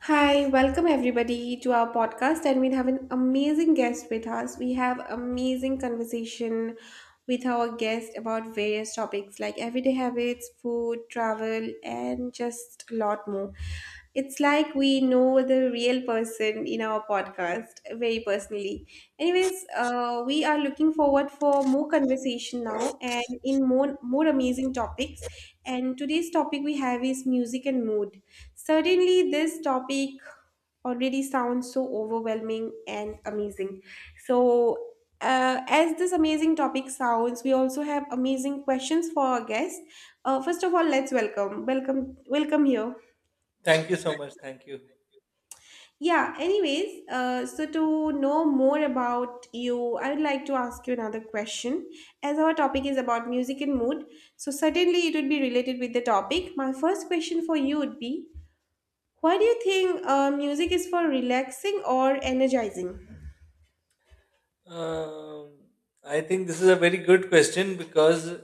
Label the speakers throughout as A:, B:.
A: Hi, welcome everybody to our podcast, and we have an amazing guest with us. We have amazing conversation with our guest about various topics like everyday habits, food, travel, and just a lot more. It's like we know the real person in our podcast very personally. Anyways, we are looking forward for more conversation now and in more amazing topics. And today's topic we have is music and mood. Certainly, this topic already sounds so overwhelming and amazing. So, as this amazing topic sounds, we also have amazing questions for our guests. First of all, let's welcome here.
B: Thank you so much. Thank you.
A: Yeah. Anyways, so to know more about you, I would like to ask you another question. As our topic is about music and mood, so certainly it would be related with the topic. My first question for you would be, why do you think music is for relaxing or energizing?
B: Um, I think this is a very good question because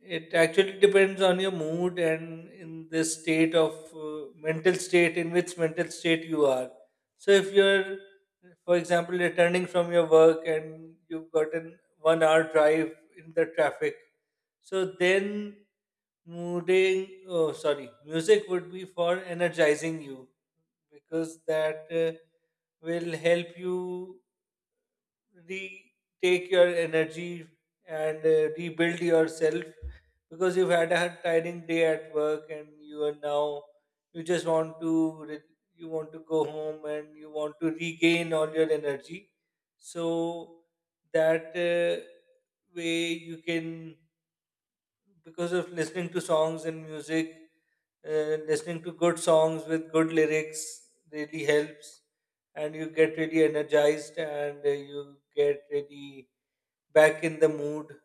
B: it actually depends on your mood and in the state of mental state, in which mental state you are. So, if you're, for example, returning from your work and you've gotten 1 hour drive in the traffic, so then music would be for energizing you because that will help you retake your energy and rebuild yourself because you've had a tiring day at work and you are now you just want to re- you want to go home and you want to regain all your energy so that way you can because of listening to songs and music, listening to good songs with good lyrics really helps and you get really energized, and you get really back in the mood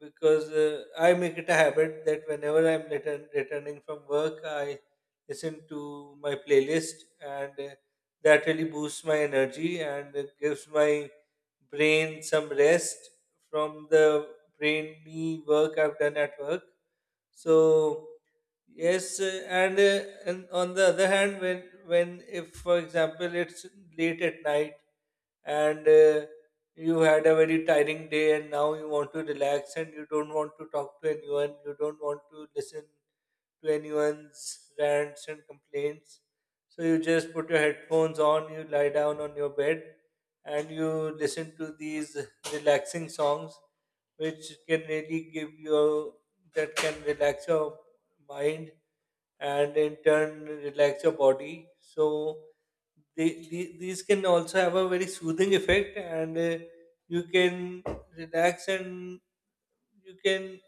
B: because I make it a habit that whenever I'm returning from work, I listen to my playlist, and that really boosts my energy and it gives my brain some rest from the brainy work I've done at work. So yes, and on the other hand, when if for example it's late at night and you had a very tiring day and now you want to relax and you don't want to talk to anyone, you don't want to listen to anyone's rants and complaints, so you just put your headphones on, you lie down on your bed and you listen to these relaxing songs which can really give you, that can relax your mind and in turn relax your body. So these can also have a very soothing effect, and you can relax and you can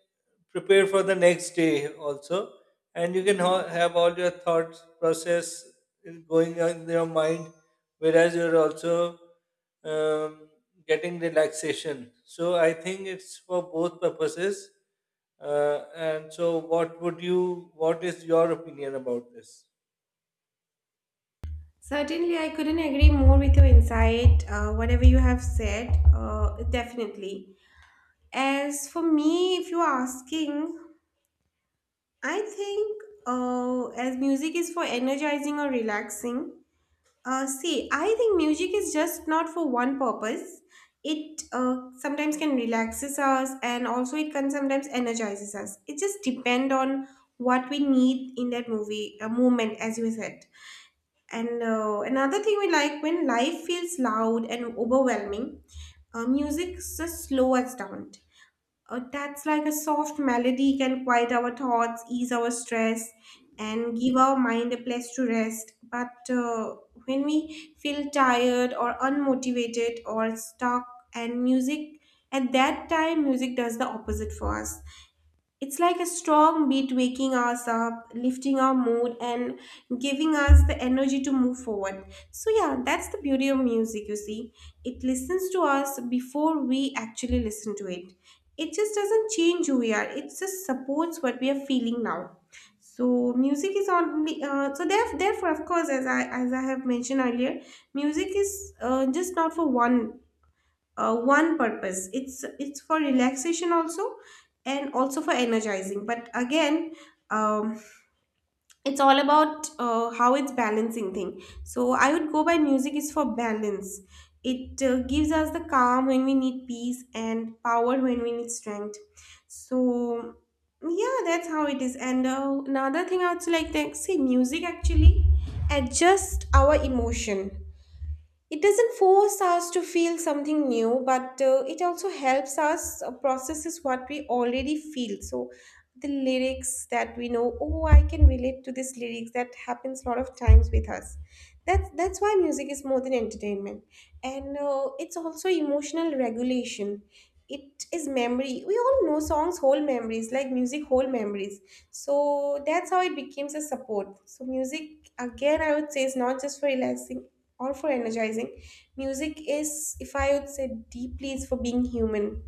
B: prepare for the next day also, and you can have all your thoughts process going on in your mind, whereas you're also um, getting relaxation. So I think it's for both purposes. And so what is your opinion about this?
A: Certainly, I couldn't agree more with your insight, whatever you have said, definitely. As for me, if you're asking, I think as music is for energizing or relaxing, see, I think music is just not for one purpose. It sometimes can relaxes us and also it can sometimes energizes us. It just depend on what we need in that movie moment, as you said. And another thing we like, when life feels loud and overwhelming, music just slows us down. That's like a soft melody can quiet our thoughts, ease our stress, and give our mind a place to rest. But when we feel tired or unmotivated or stuck, and music at that time, music does the opposite for us. It's like a strong beat waking us up, lifting our mood, and giving us the energy to move forward. So, yeah, that's the beauty of music, you see. It listens to us before we actually listen to it. It just doesn't change who we are, it just supports what we are feeling now. So music is only therefore, of course, as I have mentioned earlier, music is just not for one purpose, it's for relaxation also and also for energizing. But again, um, it's all about how it's balancing thing, so I would go by music is for balance. It gives us the calm when we need peace and power when we need strength. So yeah, that's how it is. And another thing I would like to say, music actually adjusts our emotion. It doesn't force us to feel something new, but it also helps us processes what we already feel. So the lyrics that we know, oh, I can relate to this lyrics. That happens a lot of times with us. That's why music is more than entertainment, and it's also emotional regulation. It is memory. We all know songs whole memories, like music whole memories. So that's how it becomes a support. So music again, I would say, is not just for relaxing or for energizing. Music is, if I would say deeply, is for being human,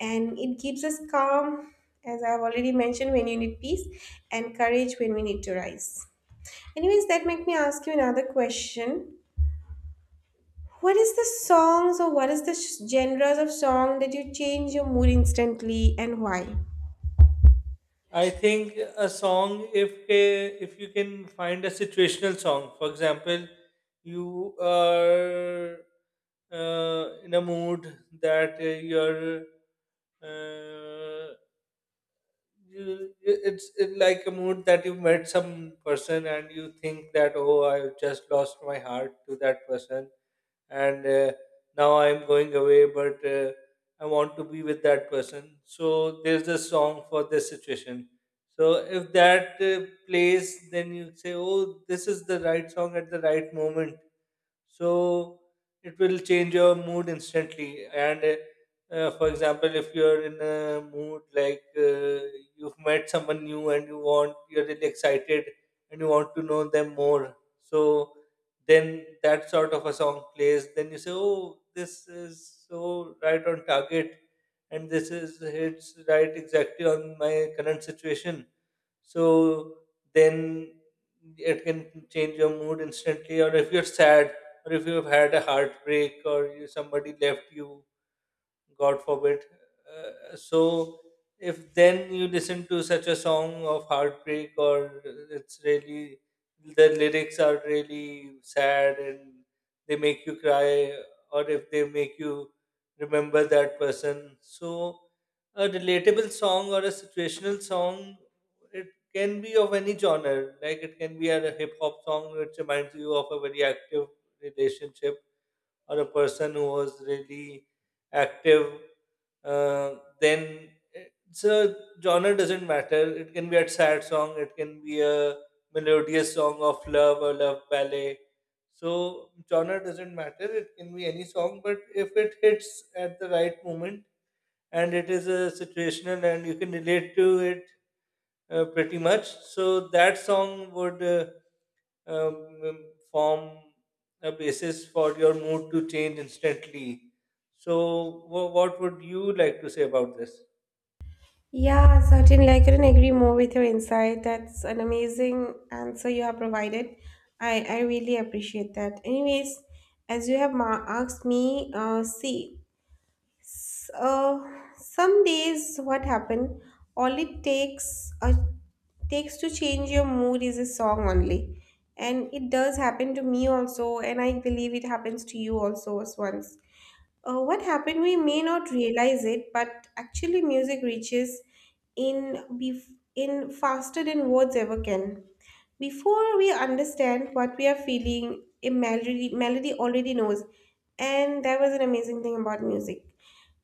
A: and it keeps us calm, as I've already mentioned, when you need peace, and courage when we need to rise. Anyways, that make me ask you another question. What is the songs or what is the genres of song that you change your mood instantly, and why?
B: I think a song, if you can find a situational song, for example, you are in a mood that uh, it's it like a mood that you met some person and you think that, oh, I've just lost my heart to that person, and now I'm going away, but I want to be with that person. So there's a song for this situation. So if that plays, then you say, oh, this is the right song at the right moment, so it will change your mood instantly. And for example, if you're in a mood like, you've met someone new and you're really excited and you want to know them more, so then that sort of a song plays, then you say, oh, this is so right on target and this is hits right exactly on my current situation. So then it can change your mood instantly. Or if you're sad or if you've had a heartbreak or you, somebody left you, god forbid, so if then you listen to such a song of heartbreak, or it's really, the lyrics are really sad and they make you cry, or if they make you remember that person. So a relatable song or a situational song, it can be of any genre. Like it can be a hip hop song which reminds you of a very active relationship or a person who was really active, then it's a genre doesn't matter. It can be a sad song, it can be a melodious song of love or love ballet. So genre doesn't matter. It can be any song, but if it hits at the right moment and it is a situational and you can relate to it pretty much, so that song would. Um, um, Form a basis for your mood to change instantly. So, what would you like to say about this?
A: Yeah, certainly. I couldn't agree more with your insight. That's an amazing answer you have provided. I really appreciate that. Anyways, as you have asked me, see, s- uh, some days what happened, all it takes takes to change your mood is a song only. And it does happen to me also, and I believe it happens to you also as once. What happened, we may not realize it, but actually, music reaches in faster than words ever can. Before we understand what we are feeling, a melody already knows, and that was an amazing thing about music.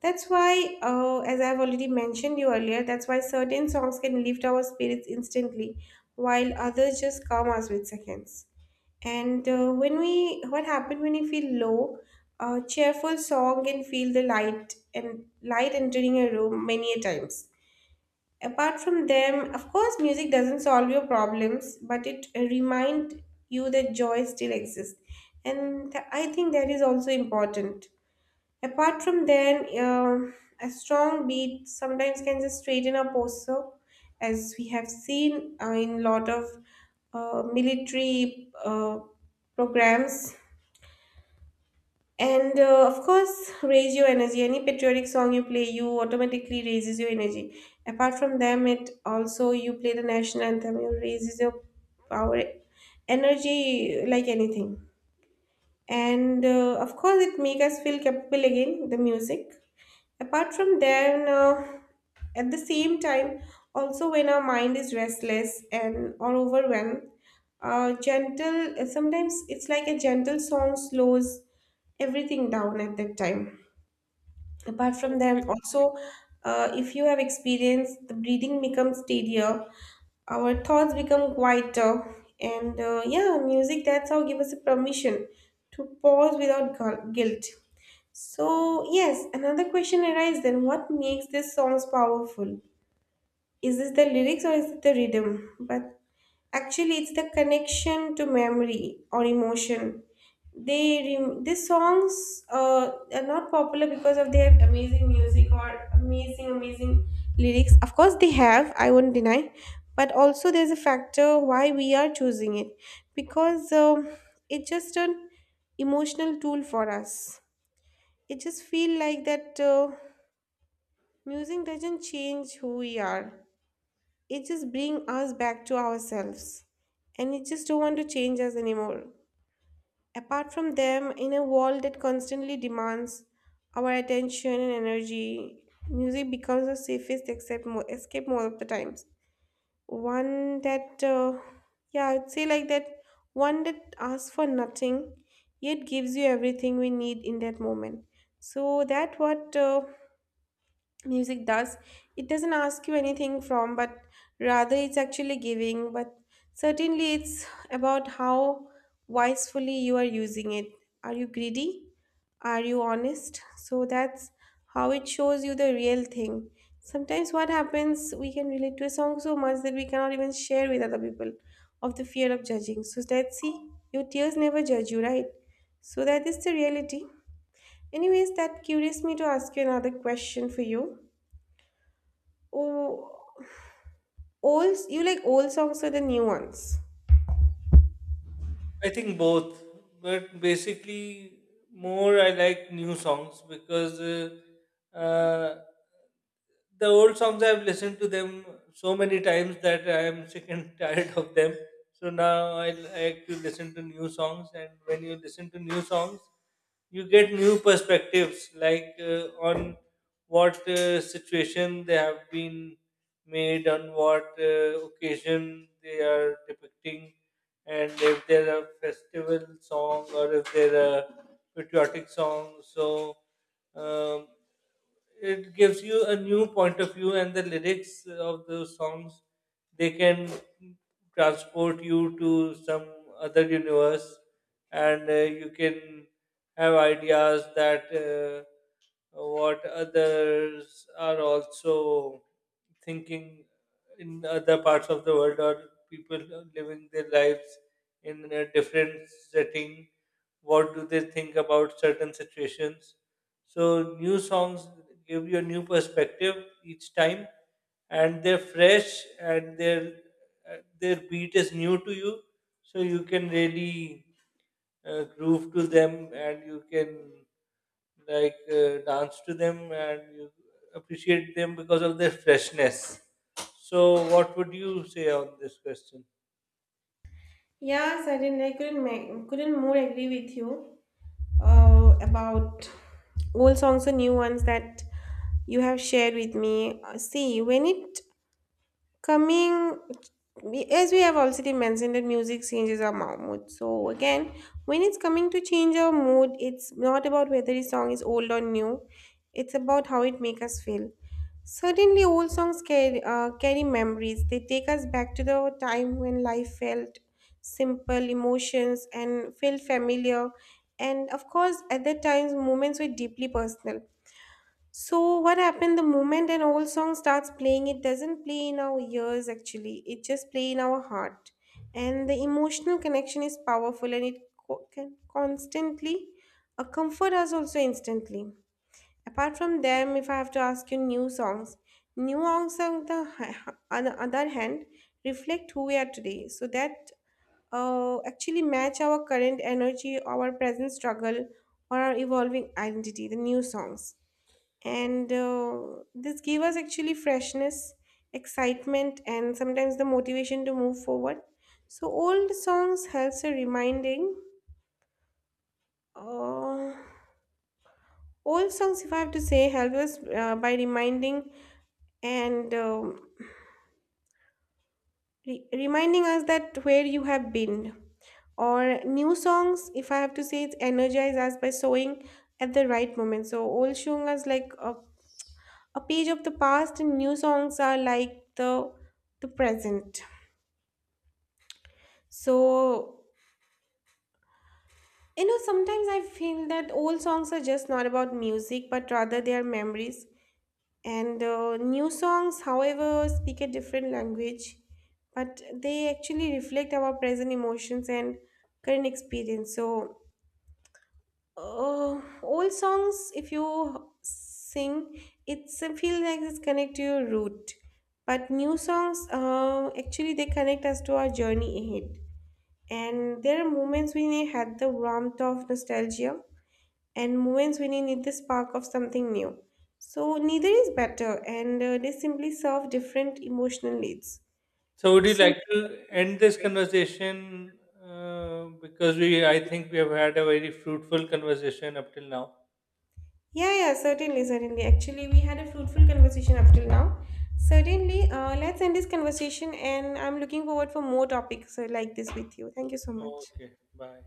A: That's why, as I've already mentioned you earlier, that's why certain songs can lift our spirits instantly, while others just calm us with seconds. And when we, what happened when we feel low? A cheerful song can feel the light and light entering a room many a times. Apart from them, of course, music doesn't solve your problems, but it remind you that joy still exists, and I think that is also important. Apart from then, a strong beat sometimes can just straighten a posture, as we have seen in lot of military programs. And of course, raise your energy. Any patriotic song you play, you automatically raises your energy. Apart from them, it also you play the national anthem, it raises your power, energy like anything. And of course it make us feel capable again, the music. Apart from then, at the same time, also when our mind is restless and or overwhelmed, gentle sometimes it's like a gentle song slows everything down at that time. Apart from them also, if you have experienced, the breathing becomes steadier, our thoughts become quieter. And yeah, music, that's how give us a permission to pause without guilt. So yes, another question arises then, what makes these songs powerful? Is this the lyrics or is it the rhythm? But actually, it's the connection to memory or emotion. These songs are not popular because of their amazing music or amazing lyrics. Of course, they have. I won't deny, but also there's a factor why we are choosing it, because it's just an emotional tool for us. It just feel like that music doesn't change who we are, it just brings us back to ourselves, and it just don't want to change us anymore. Apart from them, in a world that constantly demands our attention and energy, music becomes the safest except mo escape more of the times. One that yeah, I'd say like that, one that asks for nothing, yet gives you everything we need in that moment. So that what music does, it doesn't ask you anything from, but rather it's actually giving. But certainly, it's about how wisely you are using it. Are you greedy, are you honest? So that's how it shows you the real thing. Sometimes what happens, we can relate to a song so much that we cannot even share with other people, of the fear of judging. So let's see, your tears never judge you, right? So that is the reality. Anyways, that curious me to ask you another question for you. Oh, old you like old songs or the new ones?
B: I think both, but basically, more I like new songs because the old songs I've listened to them so many times that I am sick and tired of them. So now I like to listen to new songs, and when you listen to new songs, you get new perspectives, like, on what situation they have been made, on what occasion they are depicting, and if they're a festival song or if they're a patriotic song. So um, it gives you a new point of view, and the lyrics of those songs, they can transport you to some other universe, and you can have ideas that. What others are also thinking in other parts of the world, or people living their lives in a different setting, what do they think about certain situations. So new songs give you a new perspective each time, and they're fresh and their beat is new to you, so you can really groove to them, and you can like dance to them, and you appreciate them because of their freshness. So, what would you say on this question?
A: Yeah, certainly. I couldn't more agree with you. About old songs or new ones that you have shared with me. See, when it coming, as we have already mentioned, that music changes our mood. So, again, when it's coming to change our mood, it's not about whether the song is old or new, it's about how it makes us feel. Certainly, old songs carry, carry memories. They take us back to the time when life felt simple, emotions, and felt familiar. And of course, at that times, moments were deeply personal. So what happened, the moment an old song starts playing, it doesn't play in our ears actually, it just play in our heart. And the emotional connection is powerful, and it can constantly comfort us also instantly. Apart from them, if I have to ask you new songs on the, on the other hand, reflect who we are today. So that actually match our current energy, our present struggle, or our evolving identity, the new songs. And this gave us actually freshness, excitement, and sometimes the motivation to move forward. So old songs helps a reminding, uh, old songs, if I have to say, help us by reminding, and reminding us that where you have been. Or new songs, if I have to say, it's energize us by sewing at the right moment. So old songs like a page of the past, and new songs are like the present. So, you know, sometimes I feel that old songs are just not about music, but rather they are memories. And new songs, however, speak a different language, but they actually reflect our present emotions and current experience. So, old songs, if you sing, it's I feel like it's connect to your root. But new songs, actually, they connect us to our journey ahead. And there are moments when I had the warmth of nostalgia, and moments when I need the spark of something new. So neither is better, and they simply serve different emotional needs.
B: So, would you
A: So
B: like to end this conversation? Because I think we have had a very fruitful conversation up till now.
A: yeah, yeah, certainly, certainly. Actually, we had a fruitful conversation up till now. Certainly, let's end this conversation and I'm looking forward for more topics like this with you. Thank you so much.
B: Okay, bye.